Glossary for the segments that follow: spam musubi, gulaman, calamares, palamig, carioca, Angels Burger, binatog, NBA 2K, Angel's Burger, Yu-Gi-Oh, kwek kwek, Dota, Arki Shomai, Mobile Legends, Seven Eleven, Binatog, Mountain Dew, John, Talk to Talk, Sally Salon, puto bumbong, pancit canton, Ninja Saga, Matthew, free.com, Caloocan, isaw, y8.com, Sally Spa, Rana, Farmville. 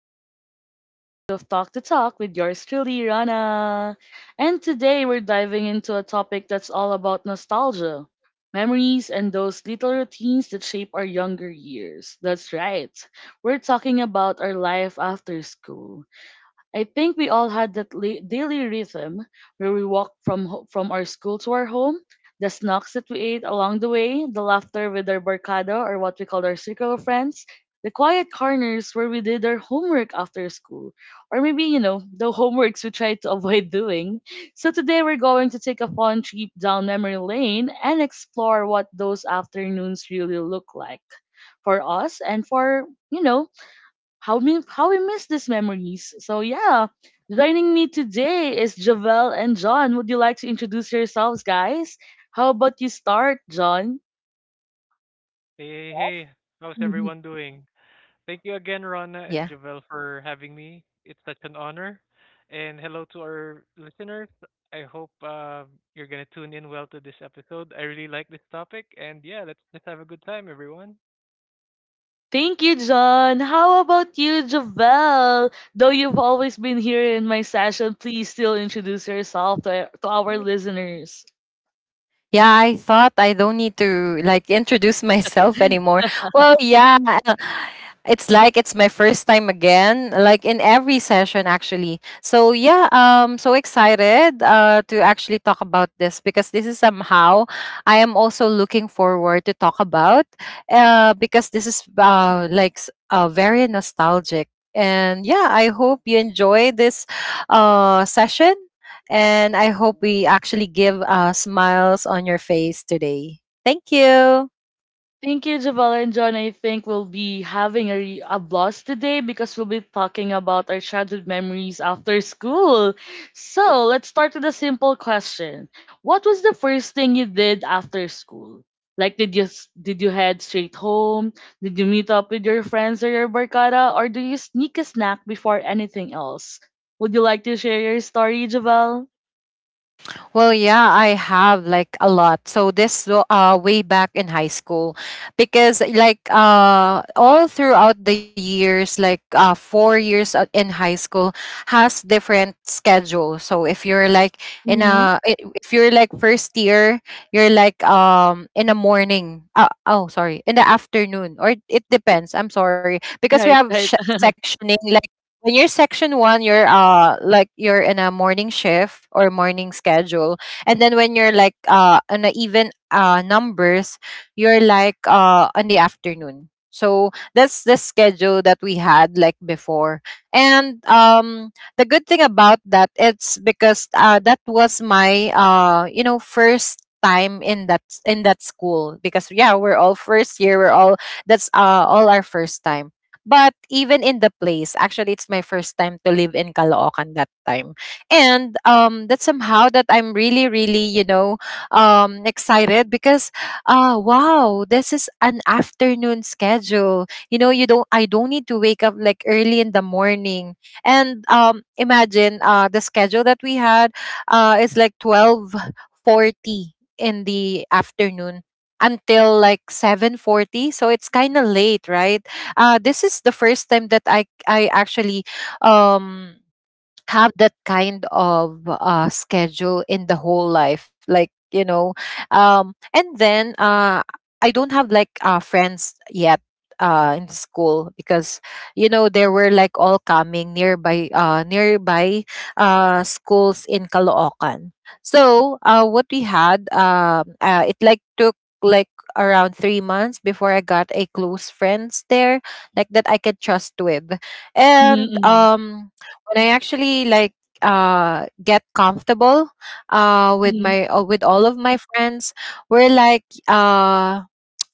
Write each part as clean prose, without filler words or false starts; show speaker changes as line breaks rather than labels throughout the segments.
to another episode of Talk to Talk with yours truly, Rana. And today we're diving into a topic that's all about nostalgia, memories, and those little routines that shape our younger years. That's right, we're talking about our life after school. I think we all had that daily rhythm where we walked from our school to our home, the snacks that we ate along the way, the laughter with our barkada or what we called our circle of friends, the quiet corners where we did our homework after school, or maybe the homeworks we tried to avoid doing. So today we're going to take a fun trip down memory lane and explore what those afternoons really look like for us and for you know How we miss these memories. Joining me today is Javel and John. Would you like to introduce yourselves, guys? How about you start, John?
Hey, hey, hey. How's
Mhm.
everyone doing? Thank you again, Rana and
Yeah.
Javel, for having me. It's such an honor. And hello to our listeners. I hope you're going to tune in well to this episode. I really like this topic. And yeah, let's just have a good time, everyone.
Thank you, John. How about you, Javel? Though you've always been here in my session, please still introduce yourself to our listeners.
I don't need to introduce myself anymore. Well, yeah, it's my first time again, like in every session actually. So excited to actually talk about this, because this is somehow. I am also looking forward to talk about, because this is very nostalgic. And yeah, I hope you enjoy this session, and I hope we actually give smiles on your face today. Thank you.
Thank you, Javala and John. I think we'll be having a blast today because we'll be talking about our childhood memories after school. So let's start with a simple question. What was the first thing you did after school? Like, did you head straight home? Did you meet up with your friends or your barkada? Or do you sneak a snack before anything else? Would you like to share your story, Javal?
Well, yeah, I have like a lot. So way back in high school, because all throughout the years, 4 years in high school has different schedule. So if you're in
Mm-hmm.
if you're like first year, you're in the morning. Oh, sorry, in the afternoon, or it depends. I'm sorry, because we
Right,
have
right.
sectioning. Like when you're section one, you're like you're in a morning shift or morning schedule, and then when you're on a even numbers, you're on the afternoon. So that's the schedule that we had like before. And the good thing about that, it's because that was my first time in that school, because yeah, we're all first year, we're all, that's all our first time. But even in the place actually, it's my first time to live in Caloocan that time. And that's somehow that I'm really really, you know, excited, because wow, this is an afternoon schedule, you know. You don't I don't need to wake up like early in the morning. And imagine the schedule that we had is like 12:40 in the afternoon until like 7:40, so it's kind of late, right? This is the first time that I actually um have that kind of schedule in the whole life, like you know. And then I don't have friends yet in school, because you know, they were like all coming nearby, nearby schools in Caloocan. So what we had it like took like around 3 months before I got a close friends there, like that I could trust with. and
Mm-hmm,
um when I actually get comfortable with
mm-hmm,
my, with all of my friends, we're like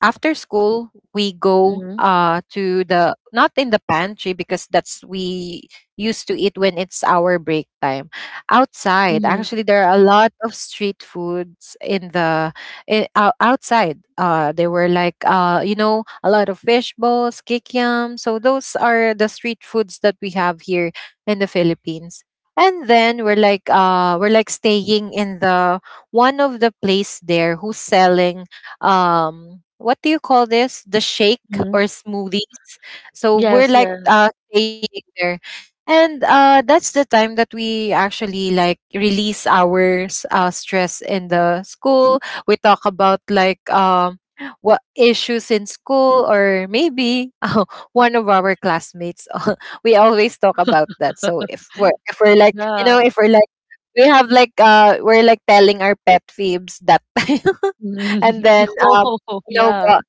after school, we go
mm-hmm,
to the, not in the pantry, because that's we used to eat when it's our break time. Outside,
mm-hmm,
actually, there are a lot of street foods in the, outside. They were like a lot of fish balls, kikiam. So those are the street foods that we have here in the Philippines. And then we're we're like staying in the one of the place there who's selling, what do you call this, the shake
mm-hmm.
or smoothies. So we're
Yes, yes.
staying there. And that's the time that we actually like release our stress in the school. We talk about what issues in school, or maybe one of our classmates. We always talk about that. So if we're like you
Yeah.
know if we're like, we have we're like telling our pet peeves that time.
Mm.
and then
Yo,
you know
yeah.
go-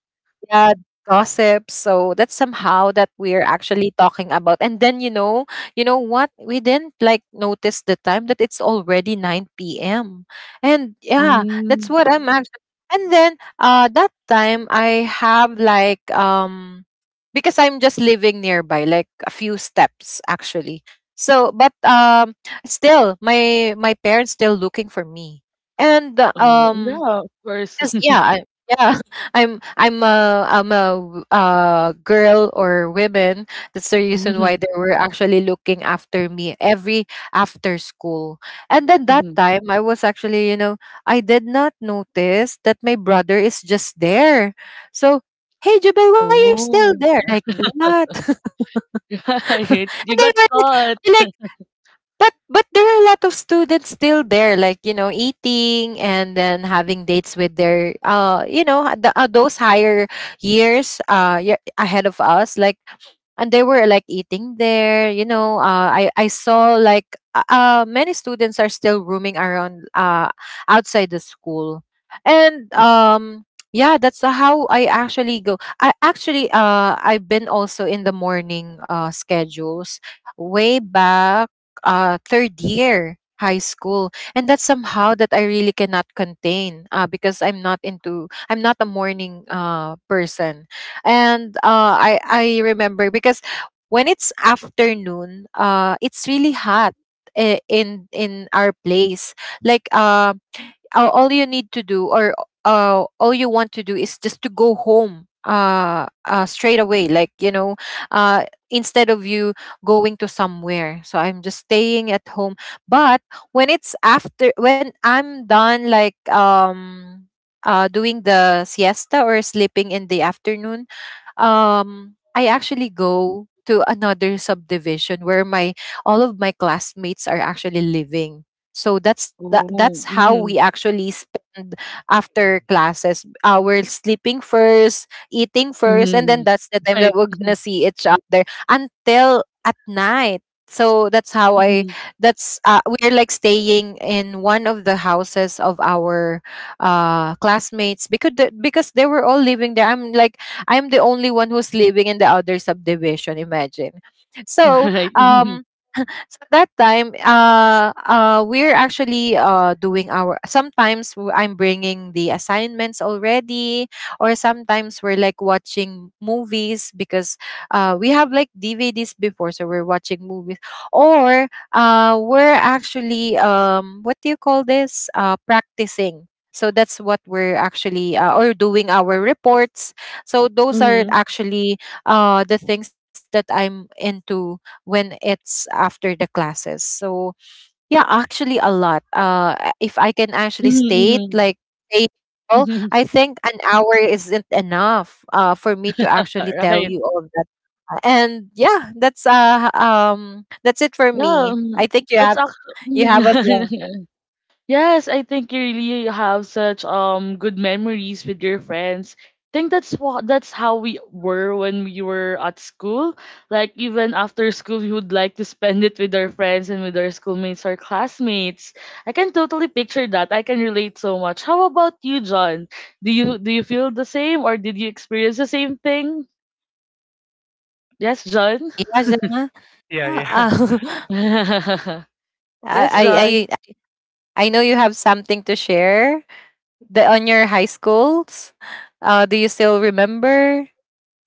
yeah Gossip, so that's somehow that we're actually talking about. And then, you know, you know what, we didn't notice the time that it's already 9 p.m. And yeah, that's
Mm.
what I'm actually. And then that time, I have like, because I'm just living nearby, like a few steps actually. But still, my parents still looking for me, and
Oh, yeah, of course.
'cause yeah, I, yeah, I'm a girl or women. That's the reason why
Mhm,
they were actually looking after me every after school. And then that
mhm.
time, I was actually, you know, I did not notice that my brother is just there. So, hey, Jubel, why you're still
Oh,
there like that?
right.
And
You
they
got
were like,
caught.
we're like, but there are a lot of students still there, like you know, eating and then having dates with their those higher years ahead of us like. And they were like eating there, you know. I saw like many students are still roaming around outside the school. And yeah, that's how I actually go. I actually I've been also in the morning schedules way back, third year high school, and that's somehow that I really cannot contain, because I'm not a morning, person. And I remember, because when it's afternoon, it's really hot in our place, like uh, all you need to do, or all you want to do is just to go home, straight away, like you know, instead of you going to somewhere. So I'm just staying at home. But when it's after, when I'm done doing the siesta or sleeping in the afternoon, I actually go to another subdivision where my all of my classmates are actually living. So
Oh,
that's how
mhm,
we actually spend after
Mm.
classes. We're sleeping first, eating first, and then
mhm.
that's the time that
Right.
we're
Mhm,
gonna see each other until at night. So that's how I.
mhm.
That's we're like staying in one of the houses of our classmates, because because they were all living there. I'm the only one who's living in the other subdivision. Imagine. So,
Right. Mhm,
um, so that time, we're actually doing our. Sometimes I'm bringing the assignments already, or sometimes we're like watching movies, because we have like DVDs before, so we're watching movies, or we're actually, what do you call this? Practicing. So that's what we're actually or doing our reports. So those are
mhm,
actually the things that I'm into when it's after the classes. So yeah, actually a lot. If I can actually state
mhm,
like say, well,
mhm.
I think an hour isn't enough for me to actually tell
Right.
you all that. And yeah, that's it for
Yeah,
me. I think
that's
you have as well.
actually yes, I think you really have such good memories with your friends. Think that's how we were when we were at school. Like even after school, we would like to spend it with our friends and with our schoolmates or classmates. I can totally picture that. I can relate so much. How about you, John? Do you feel the same or did you experience the same thing? Yes, John.
Yeah, Gemma?
Yeah, yeah.
Uh,
yes,
Yeah,
I,
John.
I I know you have something to share the on your high schools. Do you still remember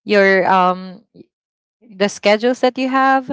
your the schedules that you have?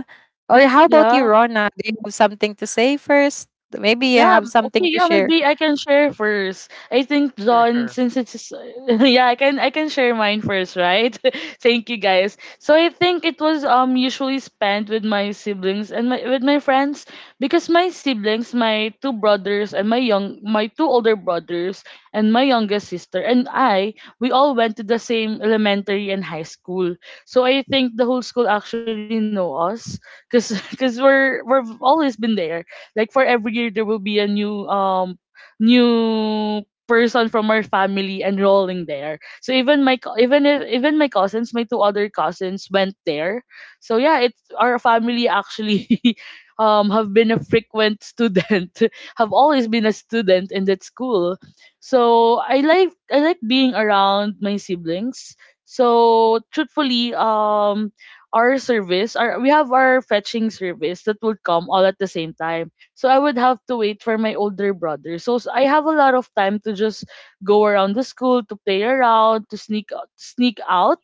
Or how about you,
Yeah.
Rona? Do you have something to say first? Maybe you
Yeah,
have something
okay,
to
yeah,
share.
maybe I can share first. I think
sure,
John,
sure.
since it's yeah, I can share mine first, right? Thank you guys. So I think it was usually spent with my siblings and my with my friends because my siblings, my two brothers and my two older brothers and my youngest sister and I, we all went to the same elementary and high school. So I think the whole school actually know us because because we've always been there like for every year there will be a new new person from our family enrolling there. So even even if, even my cousins, my two other cousins went there. So yeah, it's our family actually have been a frequent student, have always been a student in that school. So I like being around my siblings. So truthfully, our service, our we have our fetching service that would come all at the same time. So I would have to wait for my older brother. I have a lot of time to just go around the school to play around, to sneak sneak out.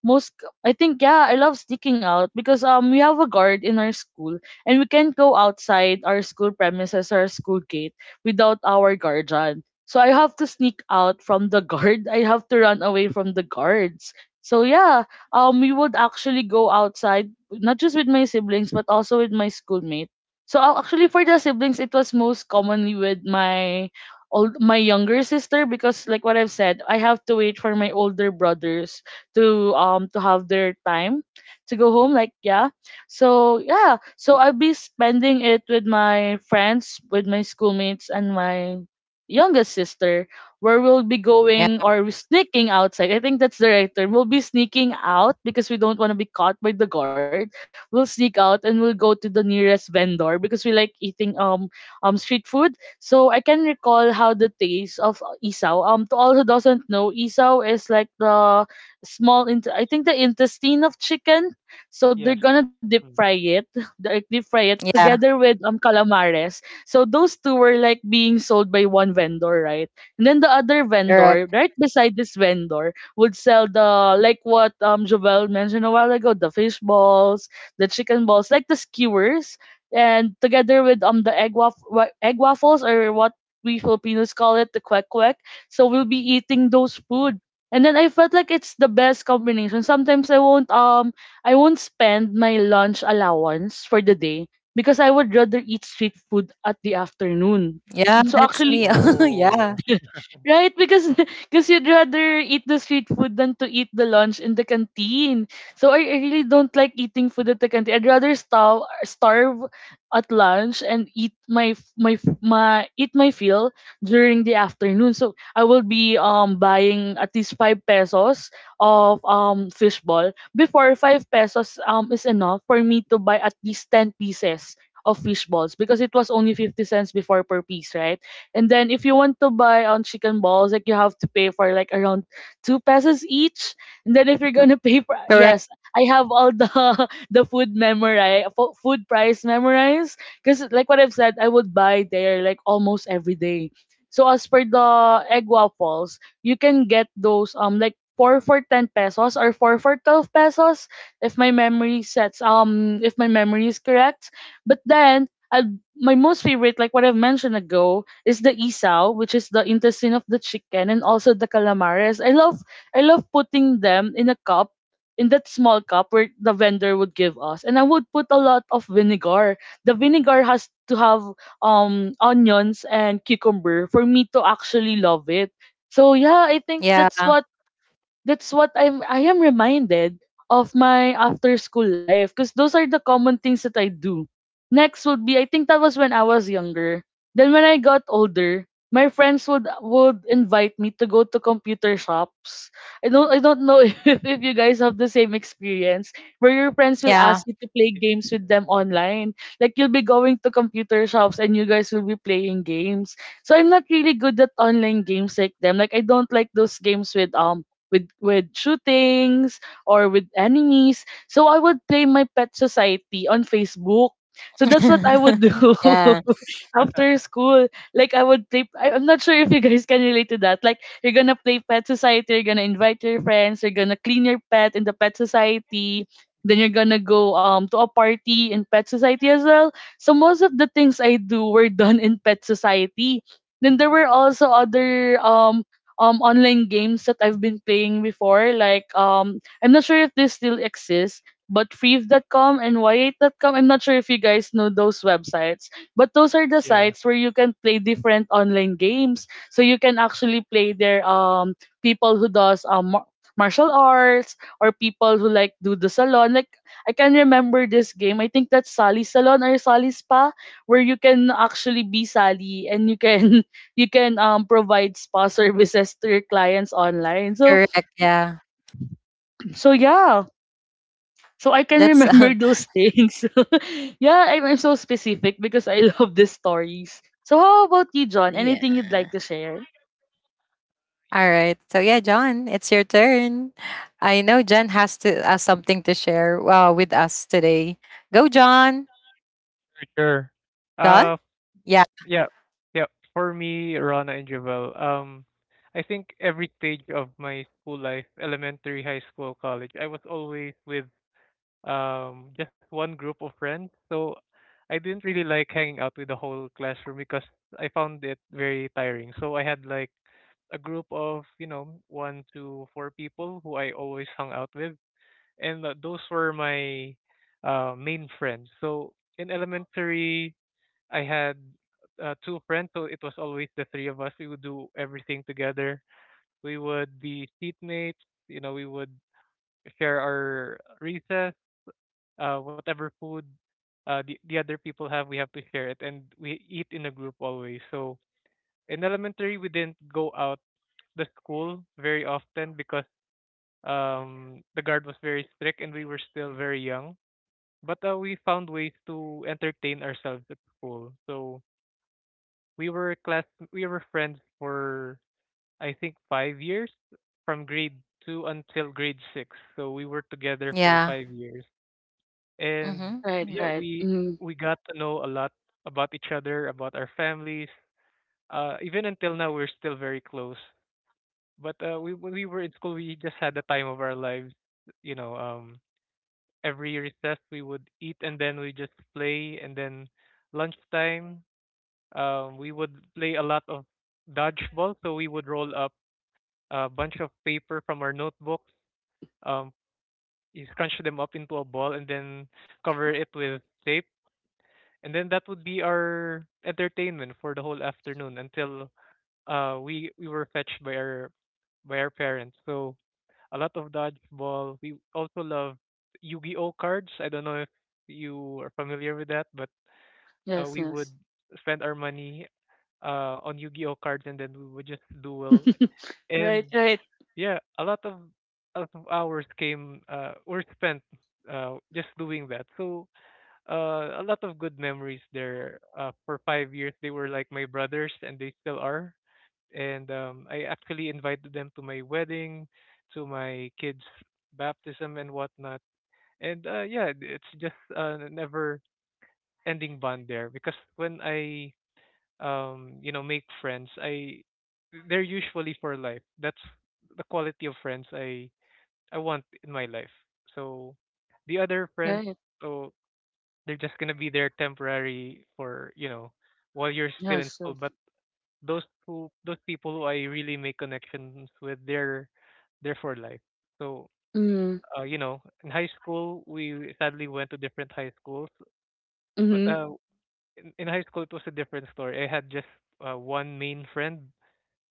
Most I think yeah, I love sneaking out because we have a guard in our school and we can't go outside our school premises or our school gate without our guardian. So I have to sneak out from the guard. I have to run away from the guards. So yeah, we would actually go outside not just with my siblings but also with my schoolmate so actually for the siblings it was most commonly with my younger sister because like what I've said I have to wait for my older brothers to have their time to go home like yeah so yeah so I'll be spending it with my friends with my schoolmates and my youngest sister where we'll be
Yeah,
going or sneaking outside. I think that's the right term. We'll be sneaking out because we don't want to be caught by the guard. We'll sneak out and we'll go to the nearest vendor because we like eating street food. So I can recall how the taste of isaw. To all who doesn't know, isaw is like the small. Int- I think the intestine of chicken. So they're
Yes.
gonna deep fry
Mm.
it, like deep fry it together
yeah,
with calamares. So those two were like being sold by one vendor, right? And then the other vendor,
correct.
right beside this vendor, would sell the like what Jovel mentioned a while ago, the fish balls, the chicken balls, like the skewers, and together with the egg waffles or what we Filipinos call it, the kwek kwek. So we'll be eating those food. And then I felt like it's the best combination. Sometimes I won't spend my lunch allowance for the day because I would rather eat street food at the afternoon.
Yeah,
So
that's me.
actually
Yeah,
Oh,
right? Because because you'd rather eat the street food than to eat the lunch in the canteen. So I really don't like eating food at the canteen. I'd rather starve at lunch and eat my f- my f- my eat my fill during the afternoon. So I will be buying at least five pesos of fishball. Before five pesos is enough for me to buy at least ten pieces of fish balls because it was only 50¢ before per piece, right? And then if you want to buy on chicken balls, like you have to pay for like around two pesos each. And then if you're gonna pay for
correct.
yes, I have all the the food memorized, food price memorized. Because like what I've said, I would buy there like almost every day. So as per the egg waffles, you can get those like four for ten pesos or four for 12 pesos if my memory is correct. But then I my most favorite, like what I've mentioned ago, is the isaw, which is the intestine of the chicken, and also the calamares. I love putting them in a cup, in that small cup where the vendor would give us, and I would put a lot of vinegar. The vinegar has to have onions and cucumber for me to actually love it. So yeah, I think
Yeah,
that's what I am reminded of my after school life because those are the common things that I do. Next would be I think that was when I was younger. Then when I got older, my friends would invite me to go to computer shops. I don't know if you guys have the same experience where your friends will ask
yeah,
you to play
yes,
games with
yeah.
them online. Like you'll be going to computer shops and you guys will be playing games. So I'm not really good at online games like them. Like I don't like those games with with shootings or with enemies. So I would play my pet society on Facebook. So that's what I would do
yeah,
after school. Like I would I'm not sure if you guys can relate to that. Like you're gonna play pet society, you're gonna invite your friends, you're gonna clean your pet in the pet society. Then you're gonna go to a party in pet society as well. So most of the things I do were done in pet society. Then there were also other online games that I've been playing before. Like I'm not sure if this still exists, but free.com and y8.com. I'm not sure if you guys know those websites, but those are the
yeah,
sites where you can play different online games. So you can actually play there people who does martial arts or people who like do the salon like I can remember this game. I think that's Sally Salon or Sally Spa, where you can actually be Sally and you can provide spa services to your clients online. So
correct. Yeah,
so yeah. So I can
that's
remember those things. Yeah, I'm so specific because I love these stories. So how about you, John?
yeah.
Anything you'd like to share?
All right. So yeah, John, it's your turn. I know John has to something to share with us today. Go, John.
for sure.
John.
Uh,
Yeah.
Yeah, yeah. For me, Rana and Javel, I think every stage of my school life, elementary, high school, college, I was always with just one group of friends. So I didn't really like hanging out with the whole classroom because I found it very tiring. So I had like a group of one to four people who I always hung out with, and those were my main friends. So in elementary I had two friends, so it was always the three of us. We would do everything together. We would be seatmates. We would share our recess, whatever food, the other people have, we have to share it, and we eat in a group always. So in elementary, we didn't go out the school very often because the guard was very strict and we were still very young. But we found ways to entertain ourselves at school. So We were class we were friends for I think 5 years, from grade 2 until grade 6. So we were together for
Yeah.
5 years. And
Mm-hmm.
Right,
Mm,
yeah,
right.
we
Mm,
we got to know a lot about each other, about our families. Even until now we're still very close. But we when we were in school, we just had the time of our lives, you know, um every recess we would eat, and then we just play, and then lunchtime we would play a lot of dodgeball. So we would roll up a bunch of paper from our notebooks, um, you scrunch them up into a ball, and then cover it with tape. And then that would be our entertainment for the whole afternoon, until we were fetched by our parents. So, a lot of dodgeball. We also love Yu-Gi-Oh cards. I don't know if you are familiar with that, but
yes,
we would
yes.
spend our money on Yu-Gi-Oh cards, and then we would just duel. And
right, right,
yeah, a lot of hours came were spent just doing that. So a lot of good memories there. For 5 years, they were like my brothers, and they still are. And I actually invited them to my wedding, to my kids' baptism, and whatnot. And yeah, it's just a never-ending bond there, because when I make friends, I they're usually for life. That's the quality of friends I want in my life. So the other friends,
right.
so they're just gonna be there temporary for while you're still in
Yes,
school.
yes.
But those people who I really make connections with, they're for life. So,
Mm,
in high school we sadly went to different high schools, but
mm-hmm.
in high school it was a different story. I had just one main friend,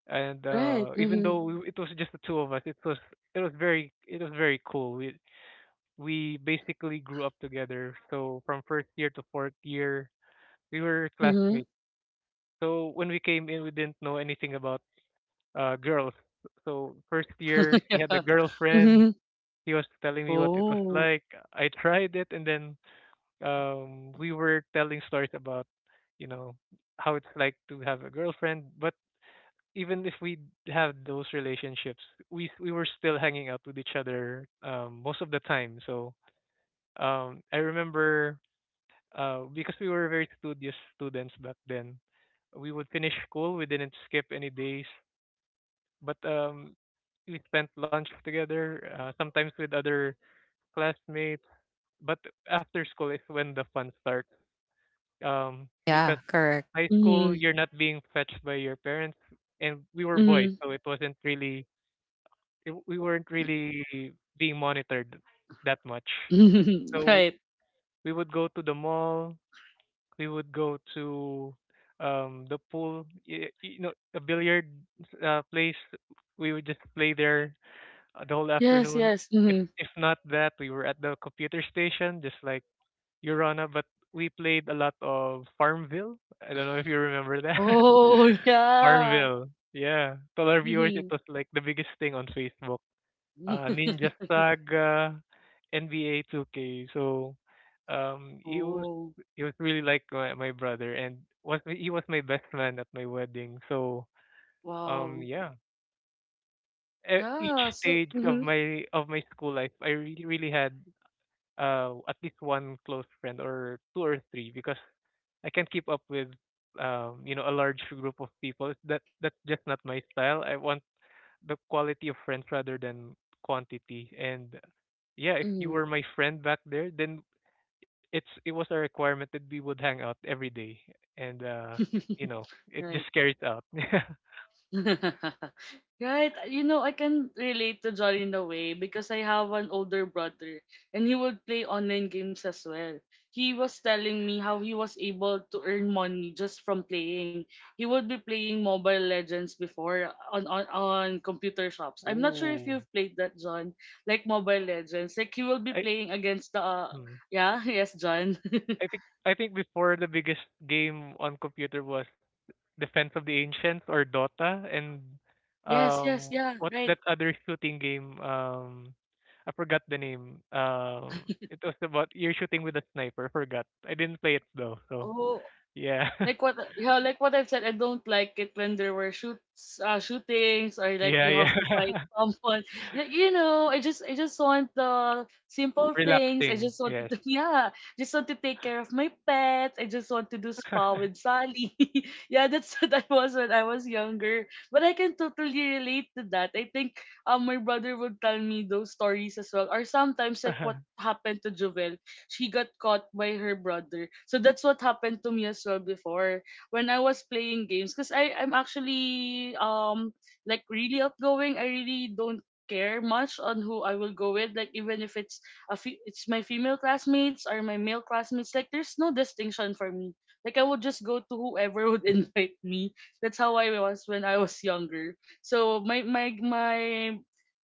and
Right.
even
Mm-hmm.
though it was just the two of us, it was very cool. We basically grew up together, so from first year to fourth year we were
Mm-hmm.
classmates. So when we came in, we didn't know anything about girls. So first year he
yeah.
had a girlfriend.
Mm-hmm.
He was telling me what it was
Oh.
like. I tried it, and then we were telling stories about you know how it's like to have a girlfriend. But even if we have those relationships, we were still hanging out with each other, most of the time. So I remember, because we were very studious students back then, we would finish school. We didn't skip any days, but we spent lunch together, sometimes with other classmates. But after school is when the fun starts. Because
yeah. Correct.
high school,
Mm-hmm.
you're not being fetched by your parents, and we were boys,
Mm-hmm.
so it wasn't really we weren't really being monitored that much. So
right.
we would go to the mall. We would go to the pool. A billiard place. We would just play there the whole
Yes,
afternoon.
yes.
If
Mm-hmm.
if not that, we were at the computer station, just like Urana. But we played a lot of Farmville. I don't know if you remember that.
Oh, yeah.
Farmville. Yeah. To our viewers, it
Mhm.
was like the biggest thing on Facebook, Ninja Saga, NBA 2K. So um, he was
Oh,
he was really like my brother, and was he was my best man at my wedding. So
wow.
yeah, each
Yeah. So,
stage of my school life, I really really had at least one close friend, or two or three, because I can't keep up with a large group of people. That's just not my style. I want the quality of friends rather than quantity. And yeah, if you
hmm
were my friend back there, then it was a requirement that we would hang out every day, and it
Right.
just carried out.
Right. You know, I can relate to Jolly in a way because I have an older brother, and he would play online games as well. He was telling me how he was able to earn money just from playing. He would be playing Mobile Legends before on computer shops. I'm not sure if
Ooh,
you've played that, John. Like Mobile Legends. Like he will be
I
playing against the.
mm.
Yeah, yes, John.
I think before, the biggest game on computer was Defense of the Ancients, or Dota, and
Yes, yes,
um
yeah,
what's
right.
that other shooting game? I forgot the name. It was about, you're shooting with a sniper, forgot. I didn't play it though, so
Oh,
yeah.
like what, yeah, like what I've said, I don't like it when there were shoots shootings or like
Yeah,
you have to
yeah.
fight someone. You know, I just want the simple things. I
Relaxing,
just wanted
yes.
to yeah, just want to take care of my pet. I just want to do spa with Sally. Yeah, that's what I was when I was younger. But I can totally relate to that. I think my brother would tell me those stories as well, or sometimes like what happened to Jovel, she got caught by her brother. So that's what happened to me as well before when I was playing games because I'm actually like really outgoing. I really don't care much on who I will go with. Like even if it's it's my female classmates or my male classmates, like there's no distinction for me. Like I would just go to whoever would invite me. That's how I was when I was younger. So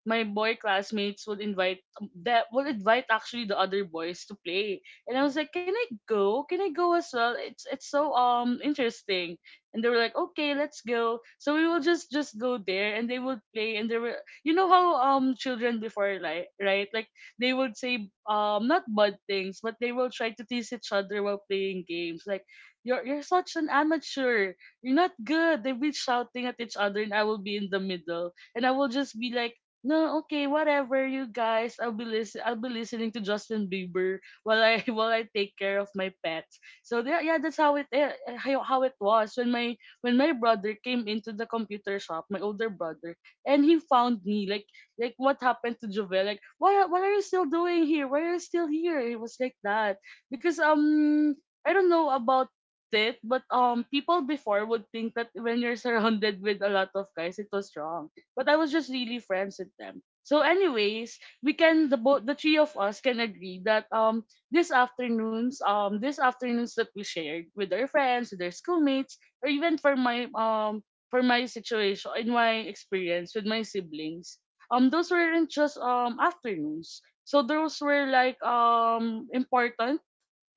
my boy classmates would invite actually the other boys to play, and I was like, can I go, can I go as well, it's so interesting. And they were like okay, let's go. So we will just go there and they would play, and they were, you know how children before, like, right, like they would say, not bad things, but they will try to tease each other while playing games, like you're such an amateur, you're not good. They'll be shouting at each other, and I will be in the middle, and I will just be like, no, okay, whatever you guys. I'll be listening to Justin Bieber while I while I take care of my pets. So yeah, yeah, that's how it was when my brother came into the computer shop, my older brother, and he found me like what happened to Jovel? Like why, what are you still doing here? Why are you still here? It was like that because I don't know about it, but people before would think that when you're surrounded with a lot of guys, it was wrong, but I was just really friends with them. So, anyways, we can, the both, the three of us can agree that this afternoons that we shared with our friends, with our schoolmates, or even for my situation in my experience with my siblings, those weren't just afternoons. So those were like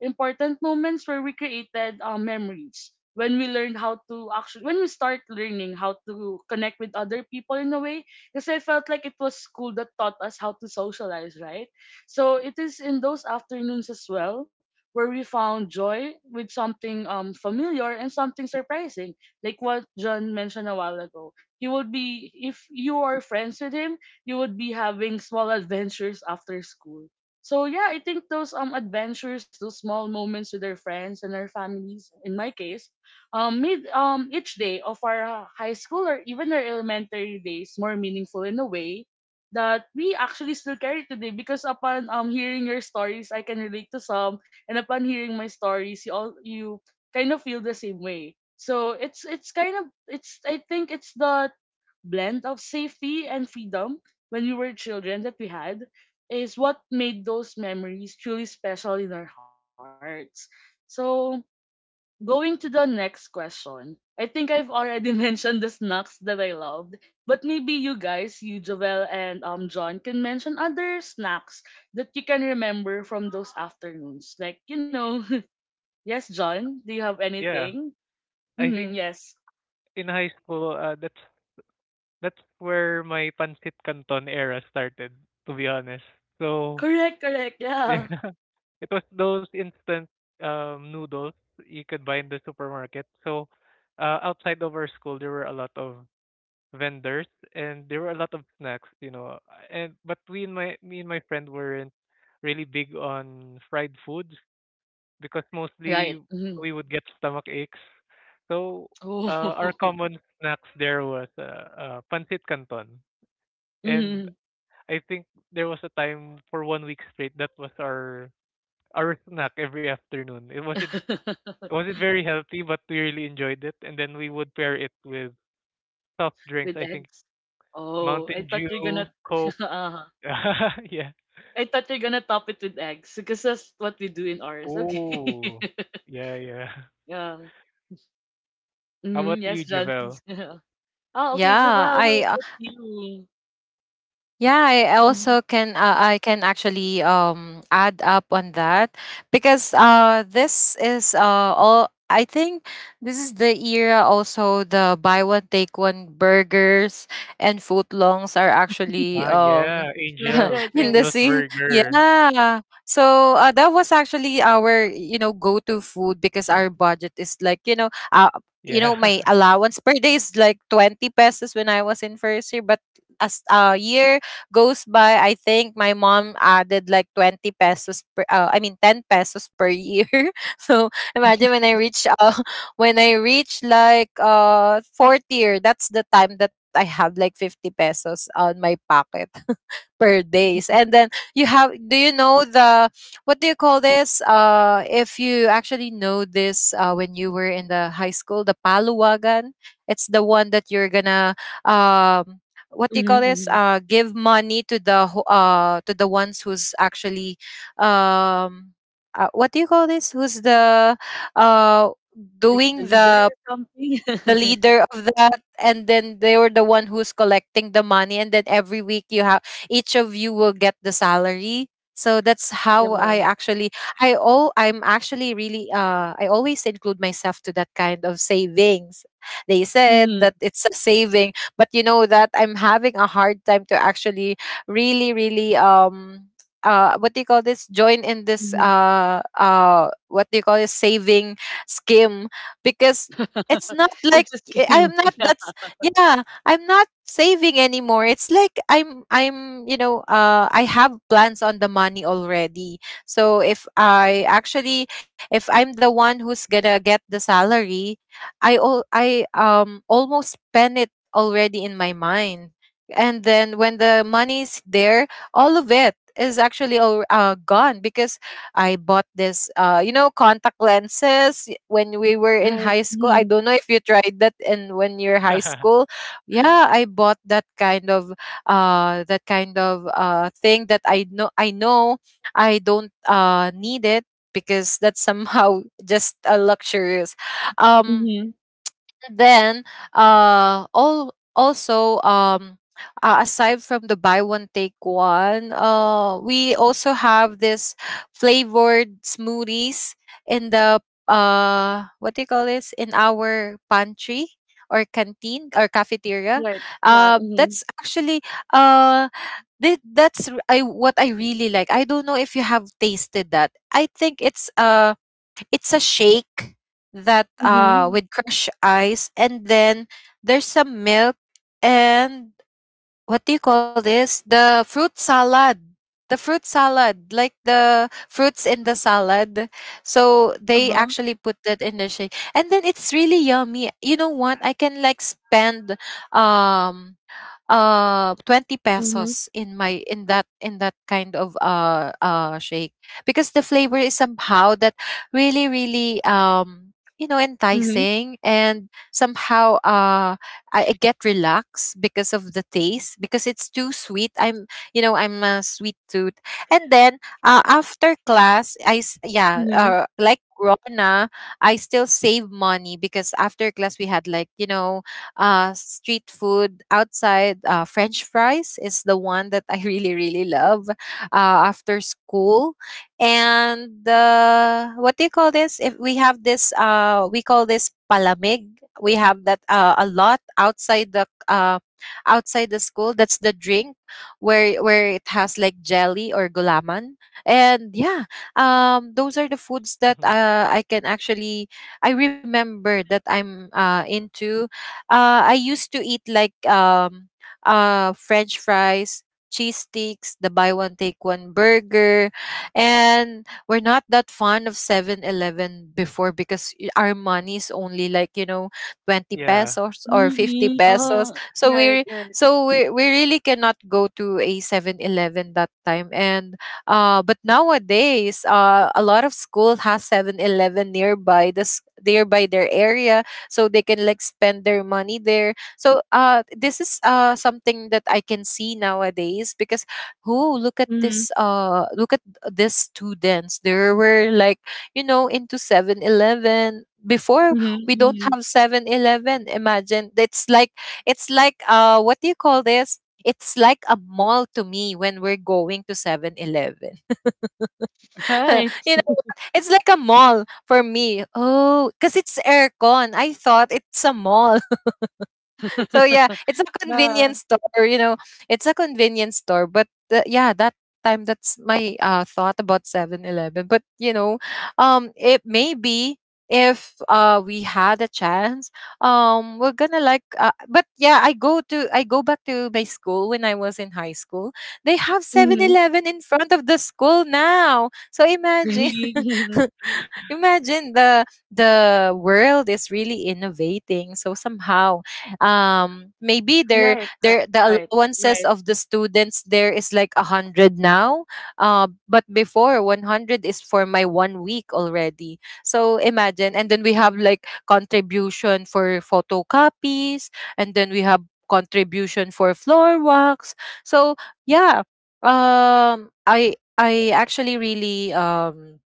important moments where we created memories when we learned how to actually when we start learning how to connect with other people in a way, because I felt like it was school that taught us how to socialize, right? So it is in those afternoons as well where we found joy with something familiar and something surprising, like what John mentioned a while ago. You would be, if you are friends with him, you would be having small adventures after school. So yeah, I think those adventures, those small moments with our friends and our families, in my case, made each day of our high school or even our elementary days more meaningful in a way that we actually still carry today, because upon hearing your stories, I can relate to some, and upon hearing my stories, you all, you kind of feel the same way. So it's kind of, it's, I think it's the blend of safety and freedom when we were children that we had is what made those memories truly special in our hearts. So, going to the next question. I think I've already mentioned the snacks that I loved, but maybe you guys, you Jovel and John, can mention other snacks that you can remember from those afternoons. Like you know, yes, John, do you have
Yeah.
anything?
I
Hmm,
think
yes,
in high school, that's where my pancit canton era started, to be honest. So,
correct, correct, yeah,
yeah. It was those instant noodles you could buy in the supermarket. So outside of our school, there were a lot of vendors, and there were a lot of snacks. And but we and my me and my friend weren't really big on fried foods, because
right.
mostly
Hmm.
we would get stomach aches. So our
Oh,
common snacks there was, pancit canton, and
hmm.
I think there was a time for one week straight that was our snack every afternoon. It wasn't it wasn't very healthy, but we really enjoyed it. And then we would pair it with soft drinks.
With
I think
eggs? Oh, I
Mountain
thought you're gonna
Dew, Coke.
uh
Yeah.
I thought you're gonna top it with eggs because that's what we do in ours. Okay.
Oh. Yeah, yeah.
Yeah.
How
Hmm.
about
Yes,
you,
John, please.
Javel?
Oh, okay,
Yeah,
Javel, how
I uh,
about you?
yeah, I
Mhm.
also can, I can actually add up on that, because this is all I think this is the era also, the buy one take one burgers and footlongs are actually
Ah, yeah.
Right,
Angels,
right,
in
right.
the
Angels
sea.
Burger.
Yeah. So that was actually our, you know, go-to food, because our budget is like, you know, my
Yeah.
allowance per day is like 20 pesos when I was in first year. But as a year goes by, I think my mom added like 20 pesos per, I mean 10 pesos per year. So imagine when I reach, when I reach like fourth year, that's the time that I have like 50 pesos on my pocket per days. And then you have, do you know the, what do you call this? If you actually know this, when you were in the high school, the paluwagan, it's the one that you're gonna, um what do you call
Mm-hmm,
this,
mm-hmm.
give money to the to the ones who's actually, um what do you call this, who's the, uh
Like the
doing
leader
the
or
the
something.
leader of that, and then they were the one who's collecting the money, and then every week you have, each of you will get the salary. So that's how
Yeah.
I actually, I'm actually really, I always include myself to that kind of savings. They said
Mm-hmm,
that it's a saving, but you know that I'm having a hard time to actually really really, what do you call this, join in this
mm-hmm.
what do you call this, saving scheme, because it's not
It
like,
just came.
I'm not, that's, yeah, I'm not saving anymore. It's like I'm, you know, I have plans on the money already. So if I actually, if I'm the one who's gonna get the salary, I almost spend it already in my mind. And then when the money's there, all of it is actually all, gone, because I bought this, you know, contact lenses when we were
Yeah.
in
Right.
high school. I
Mm-hmm.
don't know if you tried that in when you're high school. Yeah, I bought that kind of, thing that I know I don't, need it, because that's somehow just a luxurious. Um
Mm-hmm.
then, all also, aside from the buy one take one, we also have this flavored smoothies in the, what do you call this, in our pantry or canteen or cafeteria.
Right. Yeah. Mm-hmm.
That's actually, uh I, what I really like. I don't know if you have tasted that. I think it's, it's a shake that,
Mm-hmm.
with crushed ice, and then there's some milk, and, what do you call this, the fruit salad, the fruit salad, like the fruits in the salad. So they
Uh-huh.
actually put that in the shake, and then it's really yummy, you know what, I can like spend, um 20
Mm-hmm.
pesos in my, in that, in that kind of, shake. Because the flavor is somehow that really really, you know,
Mm-hmm.
enticing, and somehow, I get relaxed because of the taste, because it's too sweet, I'm, you know, I'm a sweet tooth. And then, after class I, yeah,
Mm-hmm.
like Rona, I still save money, because after class we had like, you know, street food outside. French fries is the one that I really, really love, after school. And, what do you call this? If we have this, we call this palamig. We have that, a lot outside the, outside the school. That's the drink where it has like jelly or gulaman. And yeah, those are the foods that,
Mhm.
I can actually, I remember that I'm, into, I used to eat like, French fries, cheese sticks, the buy one take one burger, and we're not that fond of 7-Eleven before, because our money is only like, you know, twenty
Yeah.
pesos or fifty
Really?
pesos.
Oh,
So
right,
we,
right.
so we really cannot go to a 7-Eleven that time. And, but nowadays, a lot of school has 7-Eleven nearby their area, so they can like spend their money there. So, this is, something that I can see nowadays, because who, look at
Mhm,
this, look at these students, they were like, you know, into 7-Eleven before.
mhm,
We don't
mhm.
have 7-Eleven. Imagine, it's like, it's like, what do you call this, it's like a mall to me when we're going to 7-Eleven.
Right.
You know, it's like a mall for me. Oh, because it's aircon. I thought it's a mall. So yeah, it's a
Yeah.
convenience store, you know. It's a convenience store, but, the, yeah, that time that's my, thought about 7-Eleven. But you know, it maybe, if, we had a chance, we're gonna like. But yeah, I go back to my school when I was in high school. They have Seven
Mhm.
Eleven in front of the school now. So imagine.
Really? Mhm.
Imagine the, world is really innovating, so somehow, maybe their,
Right,
the
right,
allowances
right.
of the students there is like 100 now. But before 100 is for my one week already. So imagine. And then we have like contribution for photocopies, and then we have contribution for floor walks. So yeah, I actually really,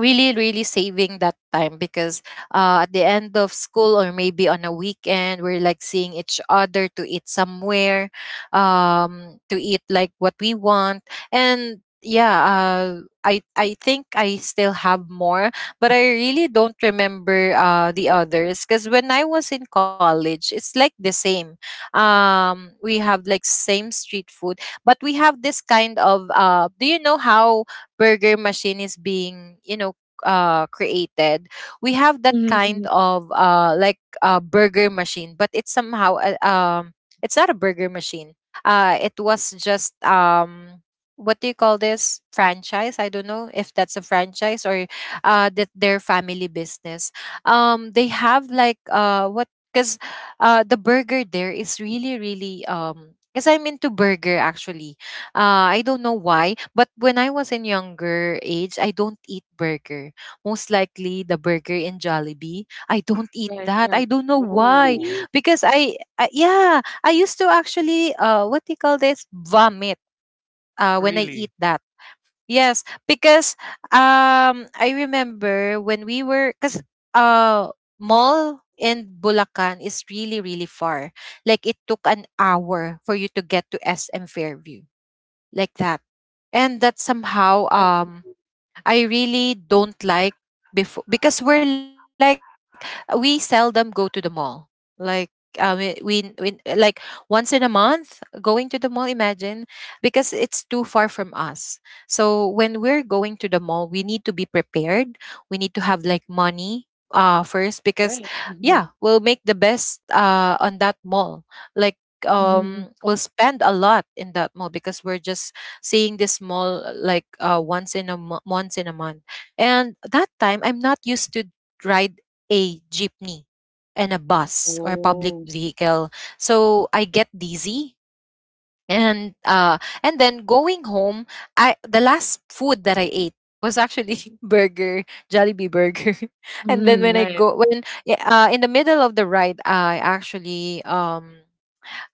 really really saving that time, because, at the end of school, or maybe on a weekend, we're like seeing each other to eat somewhere, to eat like what we want. And yeah, I think I still have more, but I really don't remember, the others, because when I was in college, it's like the same. We have like same street food. But we have this kind of, do you know how burger machine is being, you know, created. We have that
Mhm,
kind
mhm.
of, like a burger machine, but it's somehow a, it's not a burger machine. It was just, what do you call this, franchise? I don't know if that's a franchise, or, that their family business. They have like, what, because, the burger there is really really, because I'm into burger actually. I don't know why, but when I was in younger age, I don't eat burger. Most likely the burger in Jollibee. I don't eat
Right,
that. I
right.
don't know
Oh,
why.
Oh,
really?
Because I yeah, I used to actually, what do you call this? Vomit, when I
really?
eat that. Yes, because, I remember when we were, cuz, uh mall in Bulacan is really really far. Like it took an hour for you to get to SM Fairview, like that, and that somehow,
Right,
I really don't like, before, because we're like, we seldom go to the mall, like, we like, once in a month going to the mall, imagine, because it's too far from us. So when we're going to the mall, we need to be prepared. We need to have like money, first, because
right.
yeah,
Mhm,
we'll make the best, on that mall, like,
mhm.
we'll spend a lot in that mall, because we're just seeing this mall, once in a once in a month. And that time, I'm not used to ride a jeepney and a bus or a public
Oh.
vehicle, so I get dizzy. And, and then going home, I, the last food that I ate was actually burger, Jollibee burger. and then
Mhm,
when I
right.
go, when, yeah, in the middle of the ride, I actually,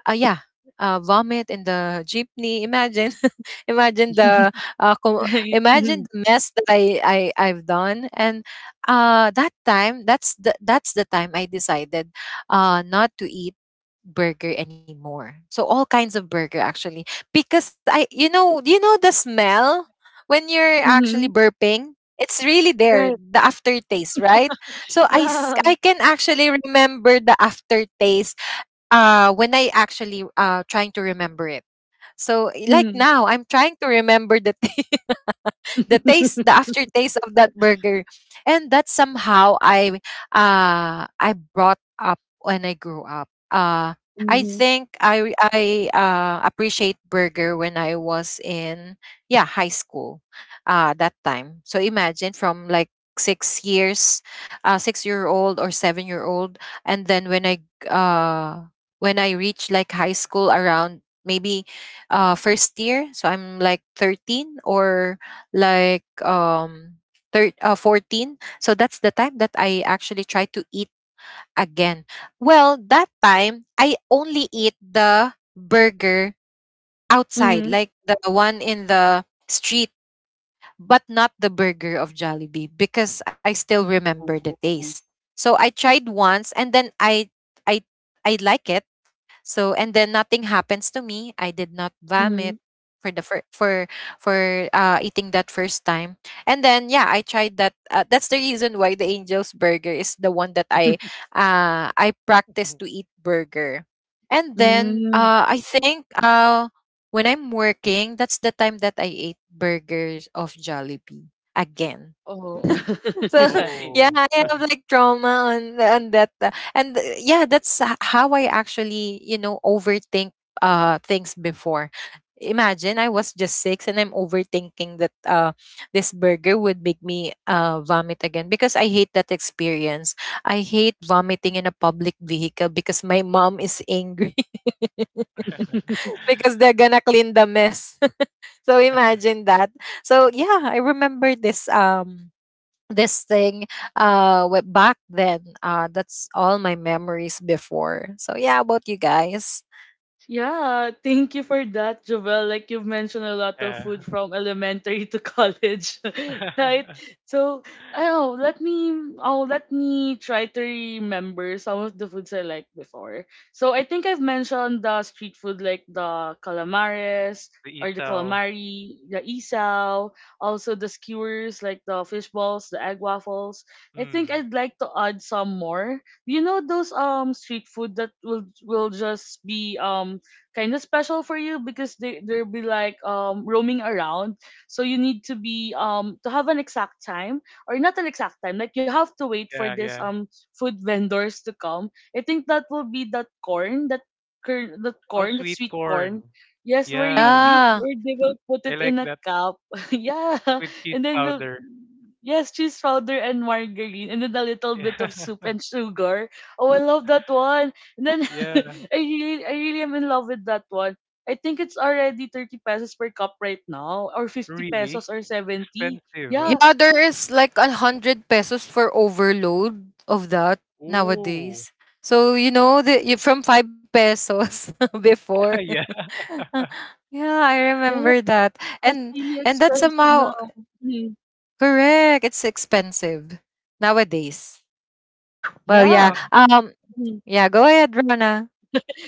yeah, vomit in the jeepney. Imagine, imagine the,
Right.
imagine
Mhm,
the mess that I I've done. And, that time, that's the, time I decided, not to eat burger anymore. So all kinds of burger actually, because I, you know, the smell when you're actually
mhm.
burping. It's really there,
Right.
the aftertaste, right? So I,
Yeah.
I can actually remember the aftertaste, when I actually, trying to remember it. So like
Mhm.
now I'm trying to remember the thing, the taste, the aftertaste of that burger. And that somehow I, I brought up when I grew up, I
Mhm,
think I, appreciate burger when I was in, yeah, high school, that time. So imagine, from like 6 years, 6-year old, or 7-year old. And then when I, uh when I reached like high school, around maybe, first year, so I'm like 13, or like, 14. So that's the time that I actually try to eat again. Well that time I only eat the burger outside,
mhm.
like the one in the street, but not the burger of Jollibee, because I still remember the
Oh.
taste. So I tried once, and then I I like it. So, and then nothing happens to me. I did not vomit
Mhm.
for the, for, eating that first time. And then yeah, I tried that. That's the reason why the Angel's Burger is the one that I, I practice to eat burger. And then,
Mm.
I think, when I'm working, that's the time that I ate burgers of Jollibee again.
Oh,
So
right.
yeah,
Oh.
I have like trauma on, that, and, yeah, that's, how I actually, you know, overthink, things before. Imagine I was just six, and I'm overthinking that, this burger would make me, vomit again, because I hate that experience. I hate vomiting in a public vehicle because my mom is angry because they're gonna clean the mess. So imagine that. So yeah, I remember this, this thing, back then, that's all my memories before. So yeah, how about you guys?
Yeah, thank you for that, Jovel. Like you've mentioned a lot of
Yeah.
food from elementary to college, right? So, oh let me try to remember some of the foods I liked before. So I think I've mentioned the street food like the calamares
The
or the
isaw.
calamari, the isaw, also the skewers like the fish balls, the egg waffles. I think
Mm.
I'd like to add some more. You know those street food that will just be kind of special for you because they'll be like roaming around. So you need to be to have an exact time, or not an exact time. Like you have to wait for
Yeah,
this
yeah.
food vendors to come. I think that will be that that
Oh,
corn, that
sweet
sweet
corn.
corn. Yes, where you
Yeah,
you
Yeah.
where they will put
I
it
like
in a
that
cup. Yeah,
with cheese
and then we'll
powder.
yes, cheese powder and margarine and then a little bit of soup and sugar. Oh, I love that one. And then
Yeah, yeah.
I really am in love with that one. I think it's already 30 pesos per cup right now, or 50
Really
pesos or 70.
expensive, huh?
Yeah.
Yeah, there is like 100 pesos for overload of that
Ooh.
nowadays. So you know, the, you, from 5 pesos before.
Yeah,
yeah, I
Yeah.
remember that.
That's
And
really
and that's
expensive
somehow
now. Mhm.
correct. It's expensive nowadays. Well yeah.
Yeah.
yeah.
Mhm.
Yeah, go ahead, Rana.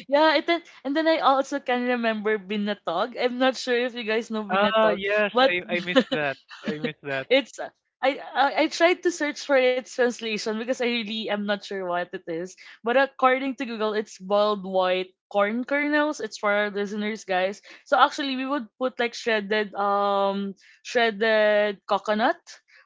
Yeah, it, and then I also can remember Binatog. I'm not sure if you guys know
Ah,
Binatog,
yes.
but
I miss that. I miss that.
it's I tried to search for its translation because I really am not sure what it is. But according to Google, it's boiled white corn kernels. It's for our listeners, guys. So actually, we would put like shredded coconut,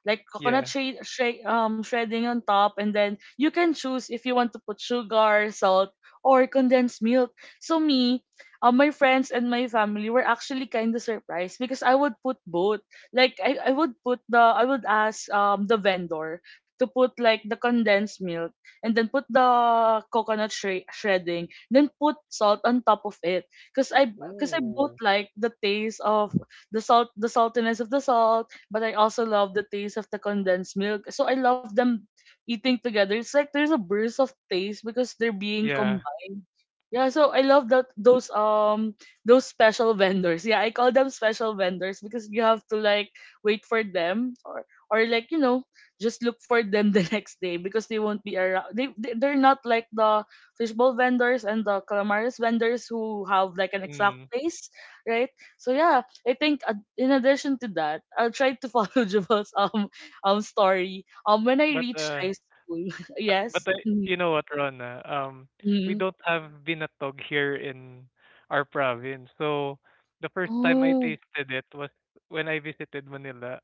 like coconut
Yeah.
shade, shade shredding on top, and then you can choose if you want to put sugar, salt, or condensed milk. So me, my friends and my family were actually kind of surprised because I would put both, like I would put the I would ask the vendor to put like the condensed milk, and then put the shredding, then put salt on top of it because I both
Ooh.
like the taste of the salt, the saltiness of the salt, but I also love the taste of the condensed milk, so I love them eating together. It's like there's a burst of taste because they're being
Yeah.
combined. Yeah, so I love that, those special vendors. Yeah, I call them special vendors because you have to like wait for them, or like you know, just look for them the next day because they won't be around. They they're not like the fishbowl vendors and the calamaris vendors who have like an exact
Mm.
place, right? So yeah, I think in addition to that, I'll try to follow Jubal's story. When I
But
reached
uh.
high school,
But
yes.
but uh,
Mm-hmm.
you know what, Rona? Um, we
Mm-hmm.
don't have binatog here in our province. So the first time I
Oh,
tasted it was when I visited Manila,